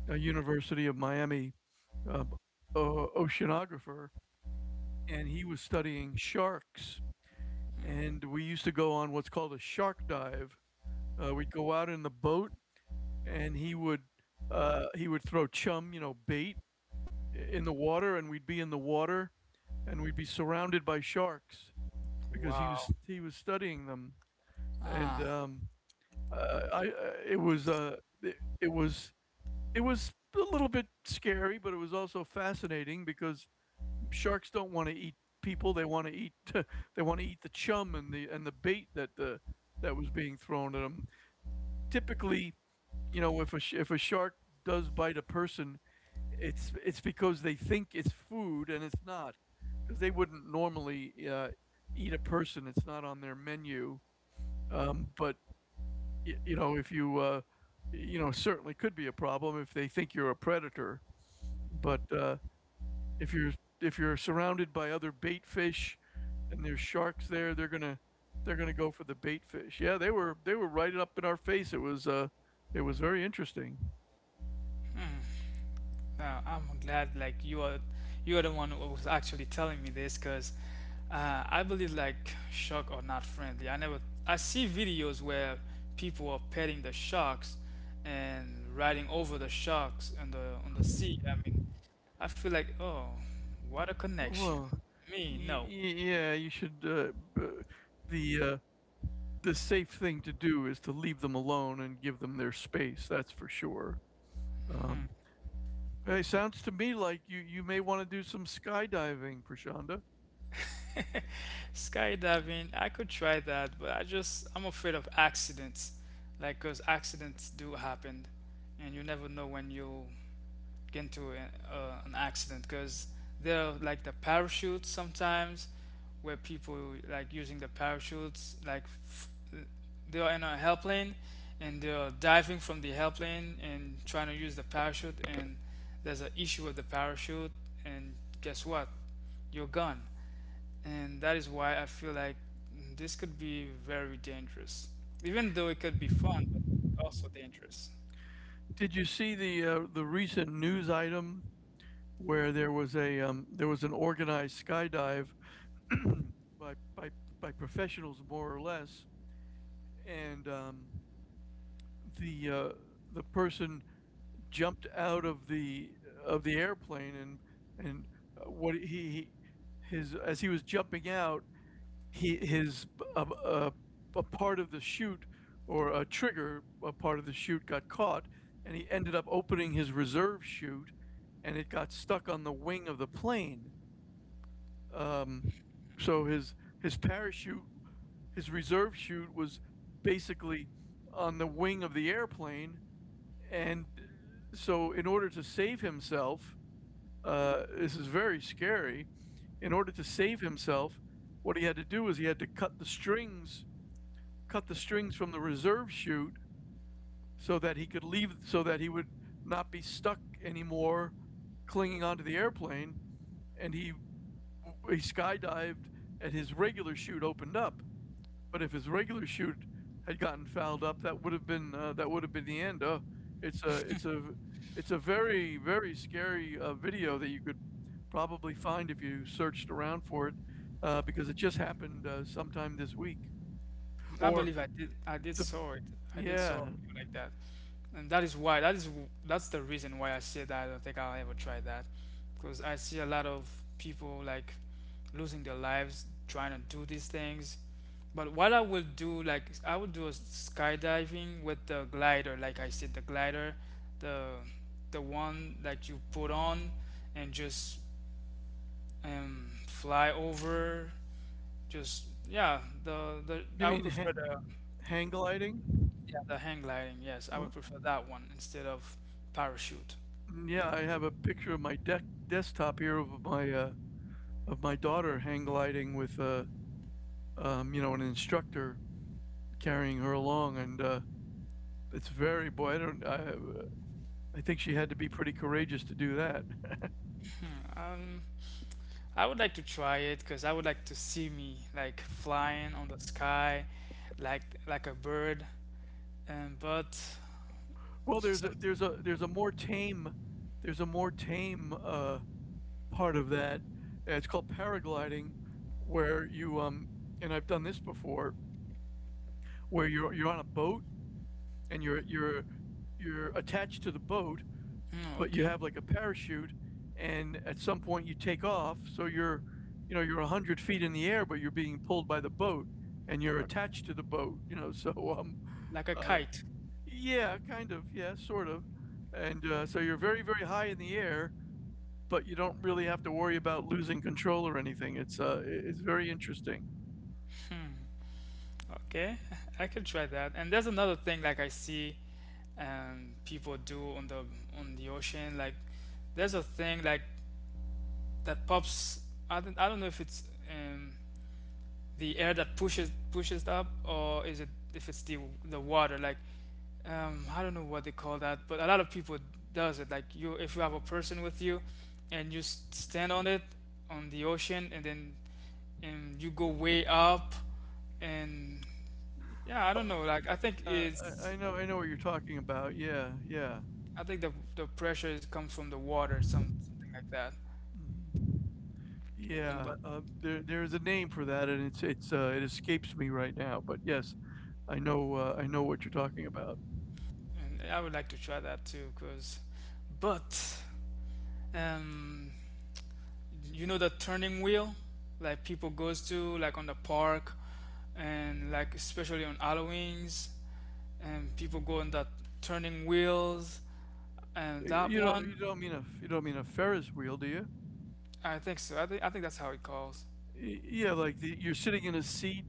Speaker 2: a University of Miami uh, oceanographer, and he was studying sharks
Speaker 1: Hmm.
Speaker 2: and we used to go on what's called a shark dive. We'd go out in the boat, and he would throw chum, you know, bait in the water, and we'd be in the water, and we'd be surrounded by sharks because
Speaker 1: Wow.
Speaker 2: he was studying them, and
Speaker 1: Ah.
Speaker 2: I it was it was it was a little bit scary, but it was also fascinating because sharks don't want to eat people. They want to eat. *laughs* They want to eat the chum and the bait that the that was being thrown at them. Typically, you know, if a shark does bite a person, it's because they think it's food and it's not because they wouldn't normally eat a person. It's not on their menu. But you know, if you you know, certainly could be a problem if they think you're a predator. But if you're if you're surrounded by other bait fish, and there's sharks there, they're gonna go for the bait fish. Yeah, they were right up in our face. It was very interesting.
Speaker 1: Hmm. Now, I'm glad like you are, you are the one who was actually telling me this, because uh, I believe like shark are not friendly. I never, I see videos where people are petting the sharks and riding over the sharks on the sea. I mean, I feel like oh, what a connection.
Speaker 2: Well,
Speaker 1: Me, no.
Speaker 2: yeah, you should. The uh, the safe thing to do is to leave them alone and give them their space. That's for sure.
Speaker 1: Hmm.
Speaker 2: Um, It sounds to me like you may want to do some skydiving, Prashanda.
Speaker 1: Skydiving, I could try that, but I just, I'm afraid of accidents. Like, cause accidents do happen, and you never know when you get into a, an accident. 'Cause they're like the parachutes sometimes, where people like using the parachutes, like they are in a helplane, and they are diving from the helplane and trying to use the parachute, and there's an issue with the parachute, and guess what? You're gone. And that is why I feel like this could be very dangerous, even though it could be fun, but also dangerous.
Speaker 2: Did you see the recent news item where there was an organized skydive *clears throat* by by by professionals, more or less, and the uh, the person jumped out of the airplane, and and what he, his as he was jumping out, he his a part of the chute or a trigger a part of the chute got caught, and he ended up opening his reserve chute, and it got stuck on the wing of the plane. Um, so his his parachute, his reserve chute, was basically on the wing of the airplane. And uh, so in order to save himself, this is very scary, in order to save himself, what he had to do is he had to cut the strings, from the reserve chute so that he would not be stuck anymore clinging onto the airplane. And he skydived, and his regular chute opened up. But if his regular shoot had gotten fouled up, that would have been that would have been the end. It's a it's a it's a very, very scary video that you could probably find if you searched around for it, because it just happened sometime this week.
Speaker 1: I
Speaker 2: Or
Speaker 1: believe I did. I did
Speaker 2: th- the
Speaker 1: saw it. I did saw a
Speaker 2: Yeah,
Speaker 1: video like that. And that's the reason why I say that I don't think I'll ever try that, because I see a lot of people like losing their lives trying to do these things. But what I will do, like I would do a skydiving with the glider, like I said, the glider, the the one that you put on, and just fly over. Just yeah, the
Speaker 2: you
Speaker 1: I would
Speaker 2: mean
Speaker 1: prefer the,
Speaker 2: hang gliding?
Speaker 1: yeah, the hang gliding, yes, I
Speaker 2: Uh,
Speaker 1: would prefer that one instead of parachute.
Speaker 2: Yeah, I have a picture of my deck desktop here of my daughter hang gliding with you know, an instructor carrying her along and. It's very boy. I don't. I think she had to be pretty courageous to do that.
Speaker 1: Um, I would like to try it, because I would like to see me like flying on the sky, like a bird. But
Speaker 2: *laughs* Well,
Speaker 1: some,
Speaker 2: there's a more tame part of that. It's called paragliding, where you and I've done this before — where you're on a boat, and you're attached to the boat,
Speaker 1: mm,
Speaker 2: but you
Speaker 1: okay,
Speaker 2: have like a parachute, and at some point you take off. So you're you know you're 100 feet in the air, but you're being pulled by the boat, and you're
Speaker 1: okay,
Speaker 2: attached to the boat. You know. *laughs* So um
Speaker 1: like a
Speaker 2: Uh,
Speaker 1: kite.
Speaker 2: yeah, kind of, yeah, sort of. And, so you're very, very high in the air, but you don't really have to worry about losing control or anything. It's very interesting.
Speaker 1: Hmm, okay, *laughs* I could try that. And there's another thing like I see people do on the ocean. Like there's a thing like that pops. I don't know if it's um the air that pushes up, or is it, if it's the water like I don't know what they call that, but a lot of people does it. Like you, if you have a person with you, and you stand on it on the ocean, and then and you go way up, and yeah, I don't know. Like I think
Speaker 2: Uh, I
Speaker 1: it's,
Speaker 2: I know I know what you're talking about. Yeah, yeah.
Speaker 1: I think the pressure is come from the water, some something like that.
Speaker 2: Mhm. Yeah,
Speaker 1: But
Speaker 2: there is a name for that, and it escapes me right now. But yes, I know what you're talking about.
Speaker 1: and I would like to try that too, cause, but um, you know the turning wheel, like people goes to like on the park, and like especially on Halloween's, and people go in that turning wheels and that
Speaker 2: You know,
Speaker 1: one.
Speaker 2: you don't mean a Ferris wheel, do you?
Speaker 1: I think so. I think, I think that's how it calls.
Speaker 2: Yeah, like you're sitting in a seat,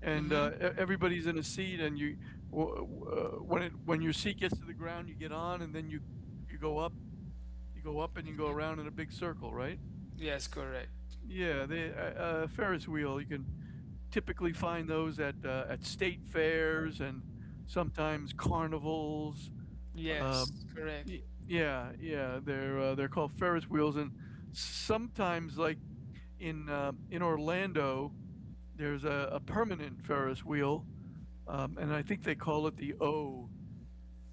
Speaker 2: and
Speaker 1: Mm-hmm.
Speaker 2: everybody's in a seat, and you w- w- when it when your seat gets to the ground, you get on, and then you go up, and you go around in a big circle, right?
Speaker 1: Yes, correct.
Speaker 2: Yeah, the Ferris wheel. You can typically find those at state fairs and sometimes carnivals.
Speaker 1: Yes,
Speaker 2: Um,
Speaker 1: correct.
Speaker 2: yeah, yeah, they're called Ferris wheels, and sometimes, like in Orlando, there's a permanent Ferris wheel, and I think they call it the O,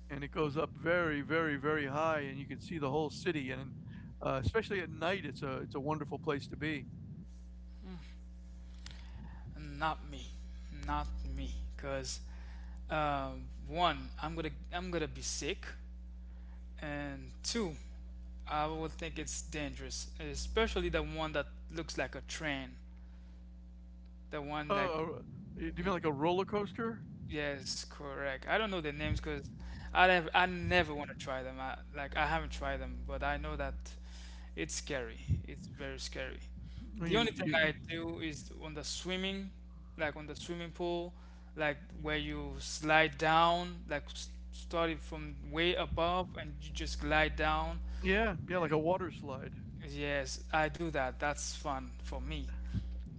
Speaker 2: and it goes up very, very, very high, and you can see the whole city, and especially at night, it's a wonderful place to be.
Speaker 1: Not me. Not me. Cause one, I'm gonna, I'm gonna be sick, and two, I would think it's dangerous, especially the one that looks like a train. The one like
Speaker 2: Oh, do you mean like
Speaker 1: mhm.
Speaker 2: a roller coaster?
Speaker 1: Yes, correct. I don't know the names because I never, I never want to try them. I like, I haven't tried them, but I know that it's scary. It's very scary.
Speaker 2: I
Speaker 1: The
Speaker 2: mean,
Speaker 1: only thing I
Speaker 2: you,
Speaker 1: do is on the swimming, like on the swimming pool, like where you slide down, like started from way above and you just glide down.
Speaker 2: Yeah, yeah, like a water slide.
Speaker 1: Yes, I do that. That's fun for me.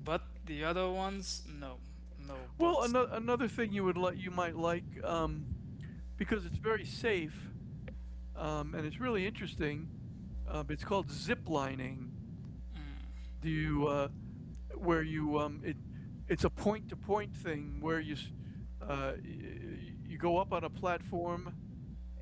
Speaker 1: But the other ones, no, no.
Speaker 2: Well,
Speaker 1: But
Speaker 2: another thing you might like, because it's very safe, and it's really interesting. It's called zip lining. Do you where you it It's a point to point thing where you s- y- y- you go up on a platform,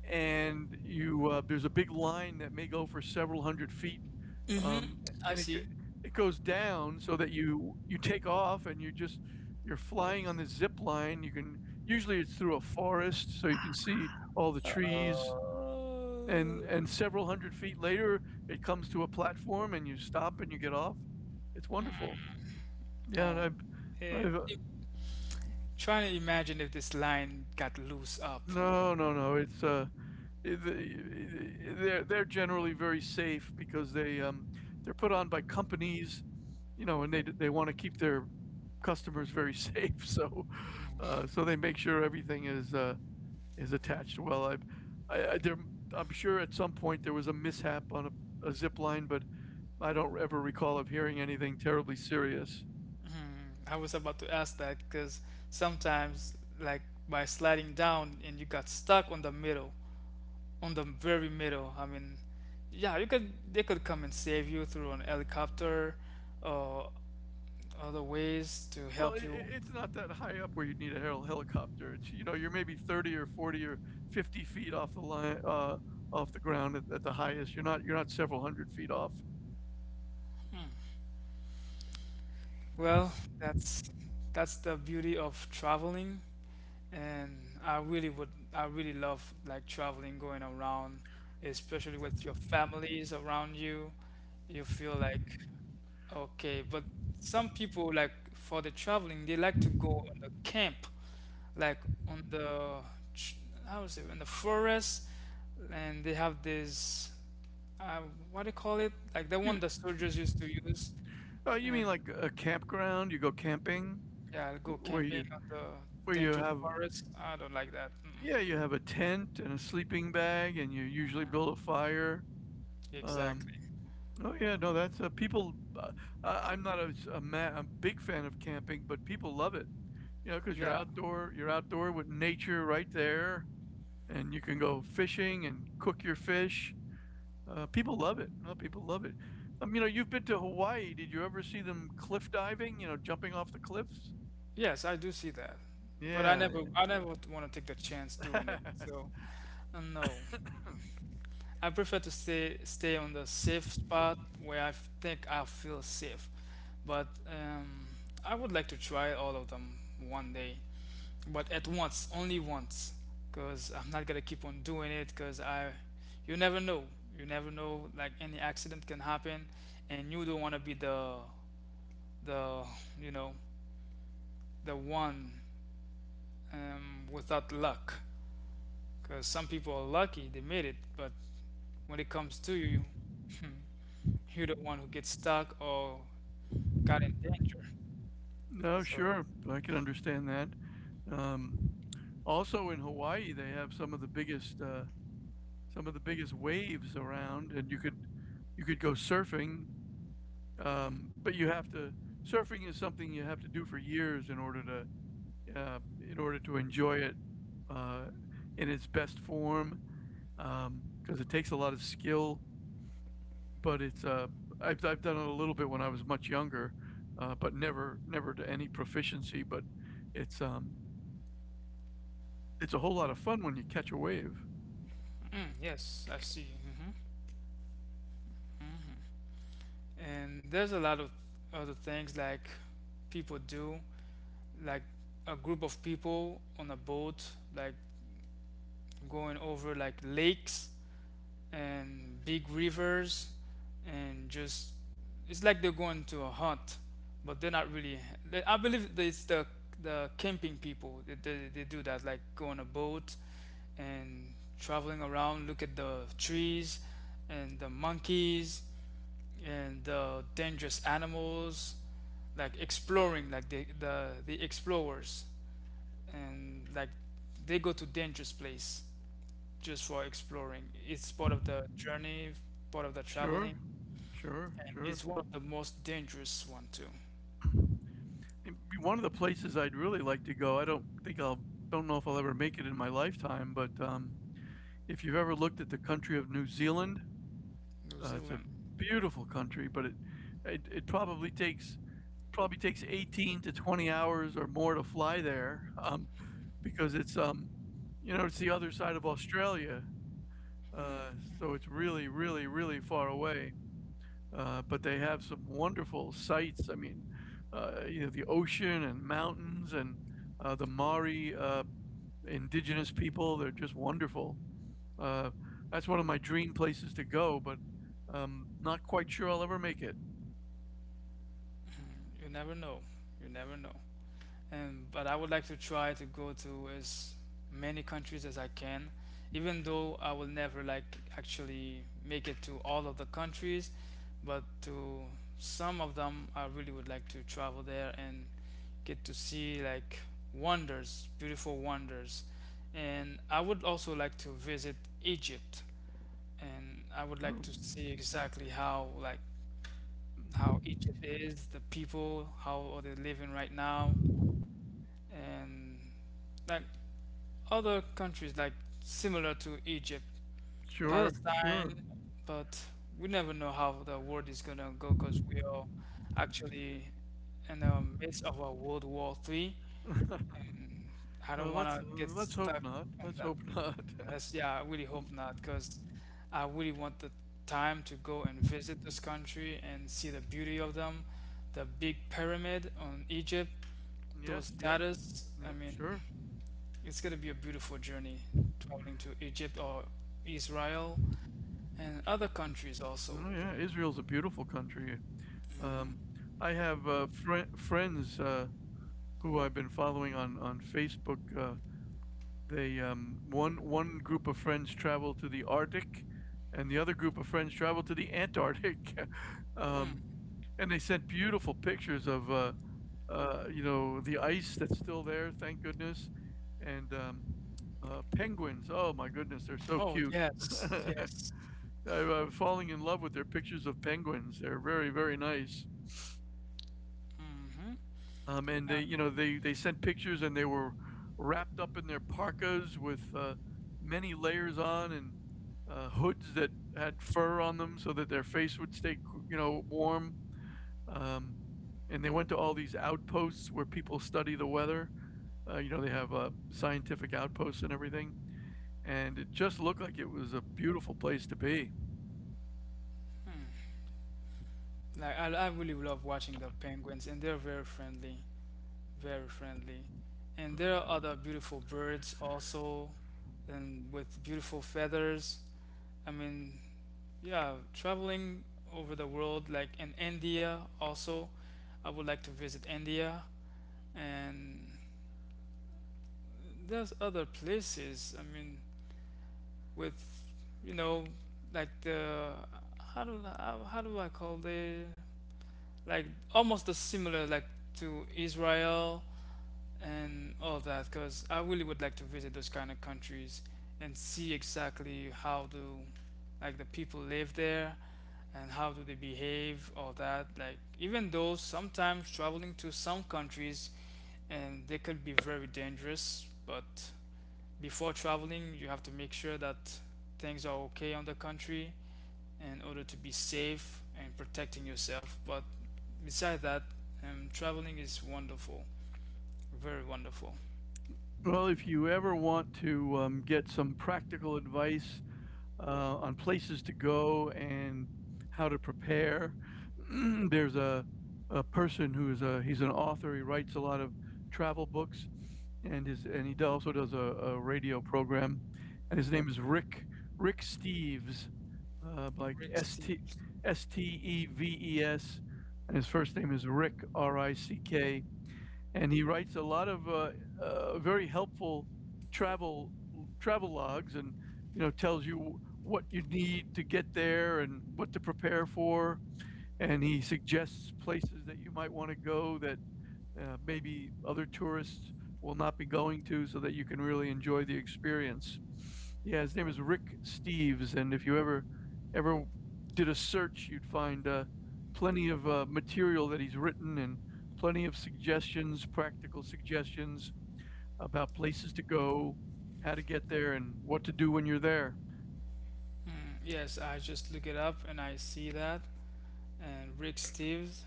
Speaker 2: and you there's a big line that may go for several hundred feet,
Speaker 1: mm-hmm,
Speaker 2: um,
Speaker 1: I
Speaker 2: and
Speaker 1: see.
Speaker 2: it goes down so that you take off, and you're flying on the zip line. You can usually it's through a forest, so you can see all the trees.
Speaker 1: Uh,
Speaker 2: And several hundred feet later, it comes to a platform, and you stop and you get off. It's wonderful. Yeah, and
Speaker 1: oh,
Speaker 2: I've
Speaker 1: if, trying to imagine if this line got loose up.
Speaker 2: no, no, no. It's I- they're generally very safe because they're put on by companies, you know, and they want to keep their customers very *laughs* safe. So, they make sure everything is attached well. I, I there I'm sure at some point there was a mishap on a zip line, but I don't ever recall of hearing anything terribly serious.
Speaker 1: Mm, I was about to ask that, because sometimes, like by sliding down and you got stuck on the middle, on the very middle. I mean, yeah, you could, they could come and save you through an helicopter or other ways to
Speaker 2: Well,
Speaker 1: help you.
Speaker 2: it's not that high up where you'd need a helicopter. It's, you know, you're maybe 30 or 40 or 50 feet off the line, off the ground at the highest. You're not several hundred feet off.
Speaker 1: Hmm. Well, that's that's the beauty of traveling, and I really would, I really love like traveling, going around, especially with your families around you. You feel like okay, but some people like for the traveling, they like to go on the camp, like on the ch- how is it in the forest, and they have this uh, what do you call it? Like the
Speaker 2: You,
Speaker 1: one the soldiers used to use,
Speaker 2: oh, you
Speaker 1: and
Speaker 2: mean like a campground? You go camping,
Speaker 1: yeah, I'll go
Speaker 2: wh-
Speaker 1: camping on the
Speaker 2: where you
Speaker 1: dangerous
Speaker 2: have
Speaker 1: forest. I don't like that.
Speaker 2: yeah, you
Speaker 1: Mm,
Speaker 2: have a tent and a sleeping bag, and you usually build a fire. Um,
Speaker 1: exactly.
Speaker 2: oh yeah, no, that's people. I'm not a, s- a ma- a big fan of camping, but people love it. You know, because
Speaker 1: Yeah.
Speaker 2: you're outdoor with nature right there, and you can go fishing and cook your fish. People love it. People love it. You know, you've been to Hawaii. Did you ever see them cliff diving? You know, jumping off the cliffs.
Speaker 1: Yes, I do see that, but I
Speaker 2: Yeah.
Speaker 1: never, I never want to take the chance doing it.
Speaker 2: *laughs*
Speaker 1: So, no. I prefer to stay on the safe spot where I think I feel safe. But I would like to try all of them one day, but at once, only once, because I'm not gonna keep on doing it. You never know, you never know. Like any accident can happen, and you don't want to be the you know the one without luck. Because some people are lucky they made it, but when it comes to you, *laughs* you're the one who gets stuck or got in danger.
Speaker 2: No,
Speaker 1: So,
Speaker 2: sure. I can understand that. Um, Also in Hawaii, they have some of the biggest waves around, and you could go surfing. But you have to Surfing is something you have to do for years in order to uh, enjoy it uh, in its best form, because it takes a lot of skill. But it's I've done it a little bit when I was much younger, but never to any proficiency. But it's It's a whole lot of fun when you catch a wave.
Speaker 1: mm, yes, I see. Hmm. Hmm. And there's a lot of other things like people do, like a group of people on a boat, like going over like lakes and big rivers, and just it's like they're going to a hunt, but they're not really. I believe that it's the camping people. They do that, like go on a boat and traveling around, look at the trees and the monkeys and the dangerous animals, like exploring, like the explorers, and like they go to dangerous place just for exploring. It's part of the journey, part of the
Speaker 2: Sure,
Speaker 1: traveling,
Speaker 2: sure,
Speaker 1: and
Speaker 2: sure.
Speaker 1: it's one of the most dangerous one too.
Speaker 2: It'd be one of the places I'd really like to go. I don't think I'll, don't know if I'll ever make it in my lifetime, but if you've ever looked at the country of New Zealand,
Speaker 1: New
Speaker 2: it's a
Speaker 1: Zealand,
Speaker 2: beautiful country, but it probably takes 18 to 20 hours or more to fly there, because it's you know, it's the other side of Australia, uh, so it's really, really, really far away. But they have some wonderful sights. I mean, you know, the ocean and mountains and the Maori indigenous people. They're just wonderful. Uh, that's one of my dream places to go, but not quite sure I'll ever make it.
Speaker 1: you never know, you never know. And but I would like to try to go to as many countries as I can, even though I will never like actually make it to all of the countries, but to some of them I really would like to travel there and get to see like wonders, beautiful wonders. And I would also like to visit Egypt and I would like to
Speaker 2: Um,
Speaker 1: see exactly how like how Egypt is, the people, how are they living right now, and like other countries like similar to Egypt,
Speaker 2: Sure, sure.
Speaker 1: Palestine, but we never know how the world is gonna go because we are actually in the midst of a World War III,
Speaker 2: *laughs*
Speaker 1: and I don't
Speaker 2: Well,
Speaker 1: wanna get
Speaker 2: let's hope
Speaker 1: stuck
Speaker 2: not.
Speaker 1: on
Speaker 2: Let's
Speaker 1: that.
Speaker 2: hope not. *laughs*
Speaker 1: Yeah, I really
Speaker 2: Mm,
Speaker 1: hope not because I really want the time to go and visit this country and see the beauty of them, the big pyramid on Egypt, those
Speaker 2: yes, yes,
Speaker 1: statues. I
Speaker 2: yeah,
Speaker 1: mean,
Speaker 2: sure.
Speaker 1: it's going to be a beautiful journey traveling to Egypt or Israel and other countries also.
Speaker 2: Oh, yeah, Israel's a beautiful country. Um, I have friends who I've been following on Facebook. They one one group of friends traveled to the Arctic, and the other group of friends traveled to the Antarctic, *laughs* um,
Speaker 1: Hmm.
Speaker 2: and they sent beautiful pictures of you know, the ice that's still there, thank goodness, and penguins. Oh my goodness, they're so
Speaker 1: Oh,
Speaker 2: cute. *laughs*
Speaker 1: yes,
Speaker 2: I,
Speaker 1: yes.
Speaker 2: I'm falling in love with their pictures of penguins. They're very, very nice.
Speaker 1: Hmm.
Speaker 2: And they, you know,
Speaker 1: Um,
Speaker 2: they they sent pictures, and they were wrapped up in their parkas with many layers on, and hoods that had fur on them, so that their face would stay, you know, warm. Um, and they went to all these outposts where people study the weather. You know, they have scientific outposts and everything. And it just looked like it was a beautiful place to be.
Speaker 1: hmm. Like I really love watching the penguins, and they're very friendly, very friendly. And there are other beautiful birds also, and with beautiful feathers. I mean, yeah, traveling over the world, like in India also. I would like to visit India and there's other places. I mean, with you know, like the how do I call the like almost the similar like to Israel and all that. Because I really would like to visit those kind of countries and see exactly how do like the people live there and how do they behave, all that. Like even though sometimes traveling to some countries and they could be very dangerous, but before traveling you have to make sure that things are okay on the country in order to be safe and protecting yourself but besides that traveling is wonderful, very wonderful.
Speaker 2: Well, if you ever want to get some practical advice on places to go and how to prepare. *clears throat* There's a person who's a he's an author. He writes a lot of travel books, and his and he also does a radio program. And his name is Rick Steves, like
Speaker 1: Rick
Speaker 2: S T
Speaker 1: Steves.
Speaker 2: S T E V E S, and his first name is Rick, R I C K. And he writes a lot of very helpful travel travel logs, and you know, tells you what you need to get there and what to prepare for. And he suggests places that you might want to go that maybe other tourists will not be going to, so that you can really enjoy the experience. Yeah, his name is Rick Steves, and if you ever did a search, you'd find plenty of material that he's written, and plenty of suggestions, practical suggestions about places to go, how to get there, and what to do when you're there.
Speaker 1: Mm, yes, I just look it up and I see that, and Rick Steves,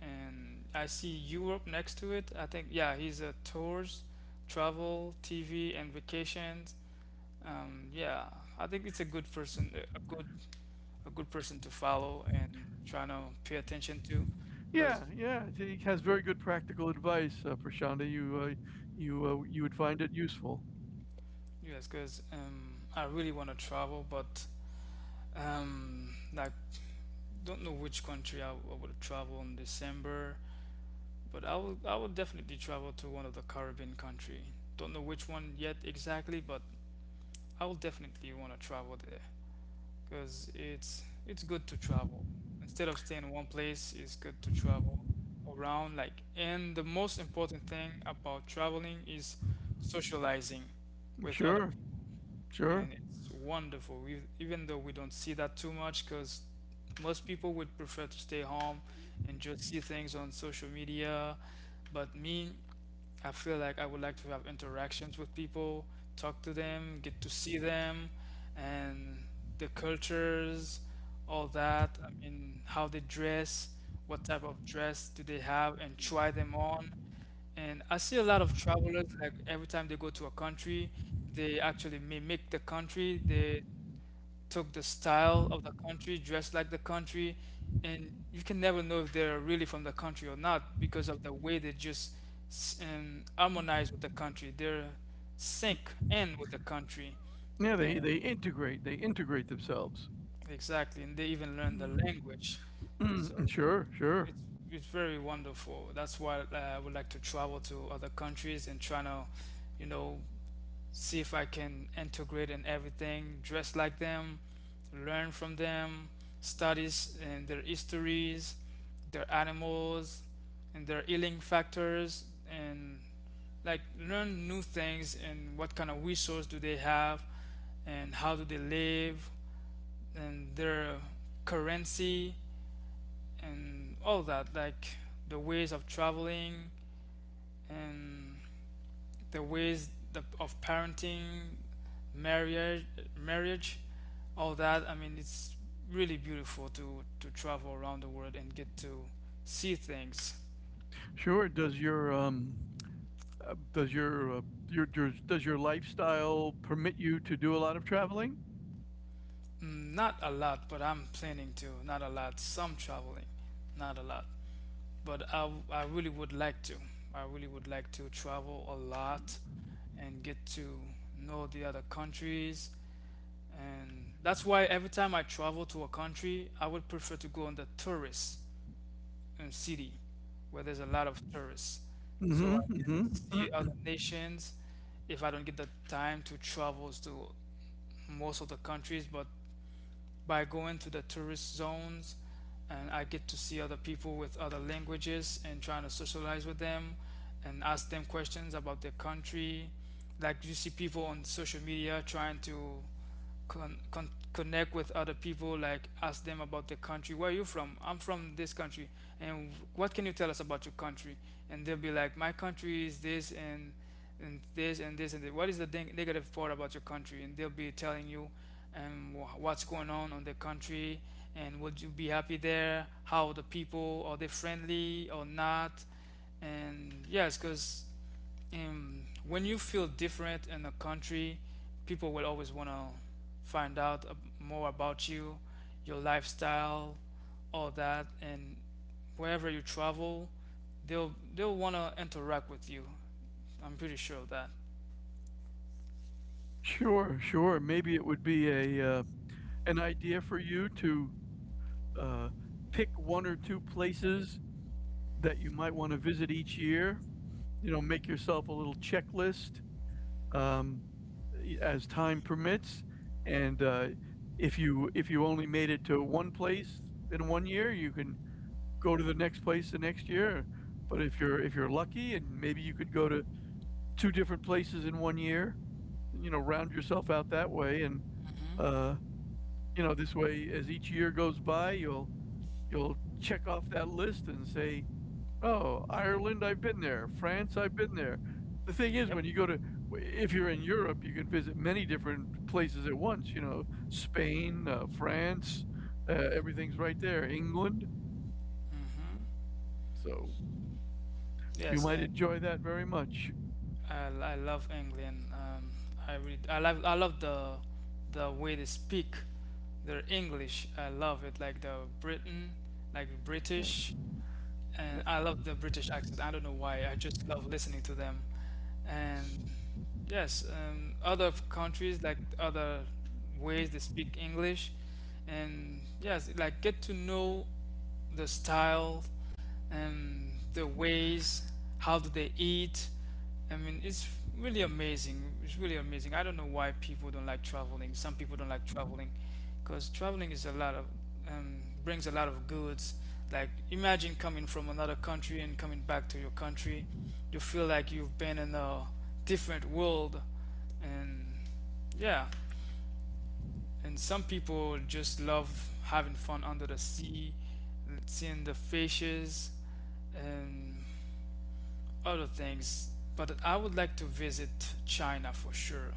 Speaker 1: and I see Europe next to it. I think, yeah, he's a tours travel TV and vacations. Yeah, I think it's a good person, a good person to follow and trying to pay attention to. Because
Speaker 2: Yeah, yeah, he has very good practical advice, Prashanda. You would find it useful.
Speaker 1: yes, because I really want to travel, but like don't know which country I would travel in December, but I will definitely travel to one of the Caribbean country. Don't know which one yet exactly, but I will definitely want to travel there because it's good to travel. Instead of staying in one place, it's good to travel around. Like, and the most important thing about traveling is socializing with other
Speaker 2: Sure,
Speaker 1: people,
Speaker 2: sure.
Speaker 1: and it's wonderful. Even though we don't see that too much, because most people would prefer to stay home and just see things on social media. But me, I feel like I would like to have interactions with people, talk to them, get to see them, and the cultures, all that. I mean, how they dress, what type of dress do they have, and try them on. And I see a lot of travelers, like every time they go to a country, they actually mimic the country. They took the style of the country, dressed like the country, and you can never know if they're really from the country or not because of the way they just harmonize with the country. They're sync in with the country,
Speaker 2: Yeah, they
Speaker 1: and
Speaker 2: they integrate. They integrate themselves.
Speaker 1: exactly, and they even learn the
Speaker 2: Mm,
Speaker 1: language.
Speaker 2: mm,
Speaker 1: So
Speaker 2: sure, sure,
Speaker 1: it's very wonderful. That's why I would like to travel to other countries and try to, you know, see if I can integrate in everything, dress like them, learn from them, studies and their histories, their animals, and their healing factors, and like learn new things and what kind of resource do they have and how do they live and their currency and all that like the ways of traveling and the ways of parenting marriage marriage all that. I mean, it's really beautiful to travel around the world and get to see things.
Speaker 2: sure. Does your Does your lifestyle permit you to do a lot of traveling?
Speaker 1: Mm, not a lot, but I'm planning to. Not a lot. Some traveling, not a lot. But I really would like to. I really would like to travel a lot and get to know the other countries. And that's why every time I travel to a country, I would prefer to go in the tourist city where there's a lot of tourists. So
Speaker 2: Hmm,
Speaker 1: I
Speaker 2: hmm.
Speaker 1: see
Speaker 2: *clears throat*
Speaker 1: other nations if I don't get the time to travel to most of the countries. But by going to the tourist zones, and I get to see other people with other languages and trying to socialize with them and ask them questions about their country. Like you see people on social media trying to connect with other people, like ask them about the country, where are you from, I'm from this country, and what can you tell us about your country, and they'll be like my country is this, and this and this and this. What is the negative part about your country, and they'll be telling you what's going on the country, and would you be happy there, how are the people, are they friendly or not. And yes, because when you feel different in a country, people will always want to find out more about you, your lifestyle, all that, and wherever you travel, they'll want to interact with you. I'm pretty sure of that.
Speaker 2: Sure, sure. Maybe it would be a an idea for you to uh, pick one or two places that you might want to visit each year. You know, make yourself a little checklist. Um, as time permits. And if you only made it to one place in one year, you can go to the next place the next year. But if you're lucky, and maybe you could go to two different places in one year, you know, round yourself out that way. And
Speaker 1: Hmm.
Speaker 2: uh, you know, this way, as each year goes by, you'll check off that list and say, "Oh, Ireland, I've been there. France, I've been there." The thing is,
Speaker 1: Yep.
Speaker 2: when you go to, If you're in Europe, you can visit many different places at once. You know, Spain, France, everything's right there. England,
Speaker 1: Hmm.
Speaker 2: so you
Speaker 1: Yes,
Speaker 2: might
Speaker 1: and
Speaker 2: enjoy that very much.
Speaker 1: I love England. I love the way they speak their English. I love it like the Britain, like
Speaker 2: Yeah.
Speaker 1: British. And I love the British accent. I don't know why. I just love listening to them. And yes, other countries like other ways they speak English, and yes, like get to know the style and the ways. How do they eat? I mean, it's really amazing. It's really amazing. I don't know why people don't like traveling. Some people don't like traveling because traveling is a lot of brings a lot of goods. Like imagine coming from another country and coming back to your country, you feel like you've been in a different world. And yeah, and some people just love having fun under the sea, seeing the fishes and other things, but I would like to visit China for sure,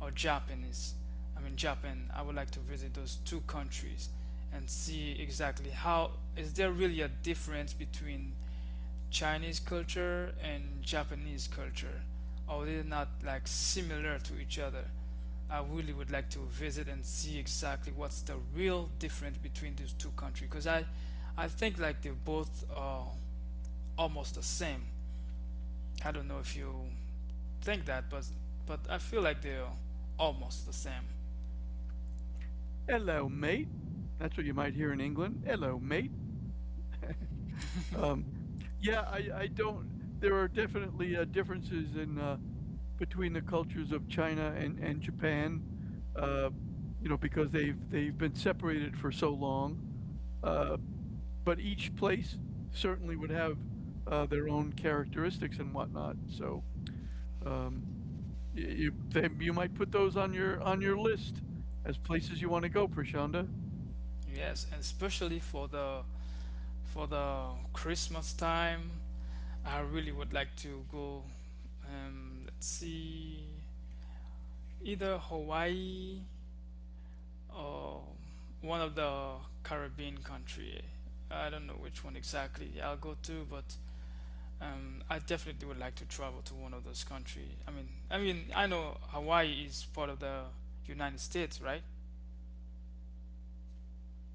Speaker 1: or Japanese. I mean Japan. I would like to visit those two countries and see exactly how is there really a difference between Chinese culture and Japanese culture, or they're not like similar to each other. I really would like to visit and see exactly what's the real difference between these two countries, because I think like they're both almost the same. I don't know if you think that, but I feel like they're almost the same.
Speaker 2: Hello, mate. That's what you might hear in England. Hello, mate. Um, yeah, I don't. There are definitely differences in between the cultures of China and Japan, uh, you know, because they've been separated for so long. Uh, but each place certainly would have their own characteristics and whatnot. So, um, you might put those on your list as places you want to go, Prashanda.
Speaker 1: Yes, and especially for the Christmas time, I really would like to go. Let's see, either Hawaii or one of the Caribbean country. I don't know which one exactly I'll go to, but I definitely would like to travel to one of those countries. I mean, I know Hawaii is part of the United States, right?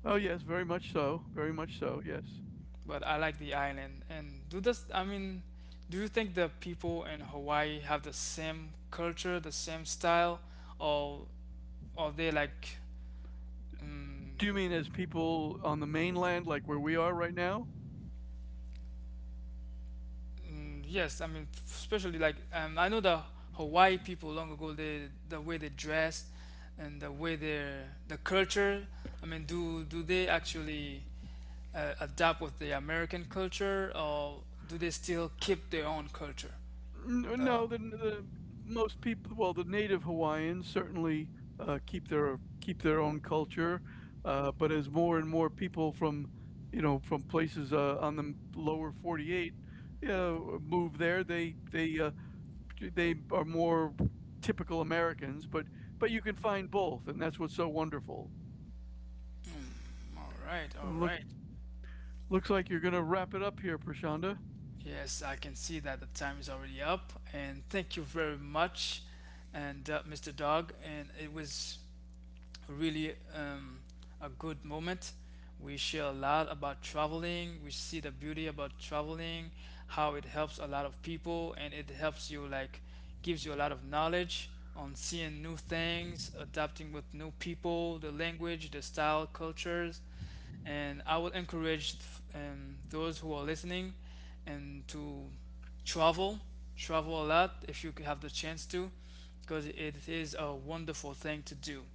Speaker 2: Oh yes, very much so, very much so. Yes.
Speaker 1: But I like the island. I mean, do you think the people in Hawaii have the same culture, the same style, or are they like, um,
Speaker 2: Do you mean as people on the mainland, like where we are right now?
Speaker 1: mm, yes, I mean, especially like, I know the Hawaii people long ago, the way they dressed and the way the culture. I mean, do they actually adapt with the American culture, or do they still keep their own culture?
Speaker 2: N
Speaker 1: The
Speaker 2: No, the most people well, the native Hawaiians, certainly, keep their own culture, but as more and more people from, you know, from places, on the lower 48, you move there, they are more typical Americans, but you can find both, and that's what's so wonderful.
Speaker 1: All right, all
Speaker 2: Look
Speaker 1: right.
Speaker 2: Looks like you're going to wrap it up here, Prashanda.
Speaker 1: Yes, I can see that the time is already up, and thank you very much, and Mr. Dog, and it was really a good moment. We share a lot about traveling. We see the beauty about traveling, how it helps a lot of people, and it helps you like gives you a lot of knowledge on seeing new things, adapting with new people, the language, the style, cultures, and I would encourage those who are listening and to travel, travel a lot if you have the chance to, because it is a wonderful thing to do.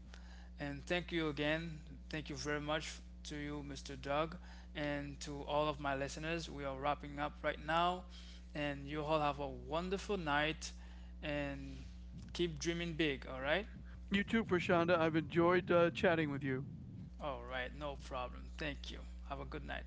Speaker 1: And thank you again. Thank you very much to you, Mr. Doug, and to all of my listeners. We are wrapping up right now, and you all have a wonderful night and keep dreaming big, all right?
Speaker 2: You too, Prashanda. I've enjoyed chatting with you.
Speaker 1: All right, no problem. Thank you. Have a good night.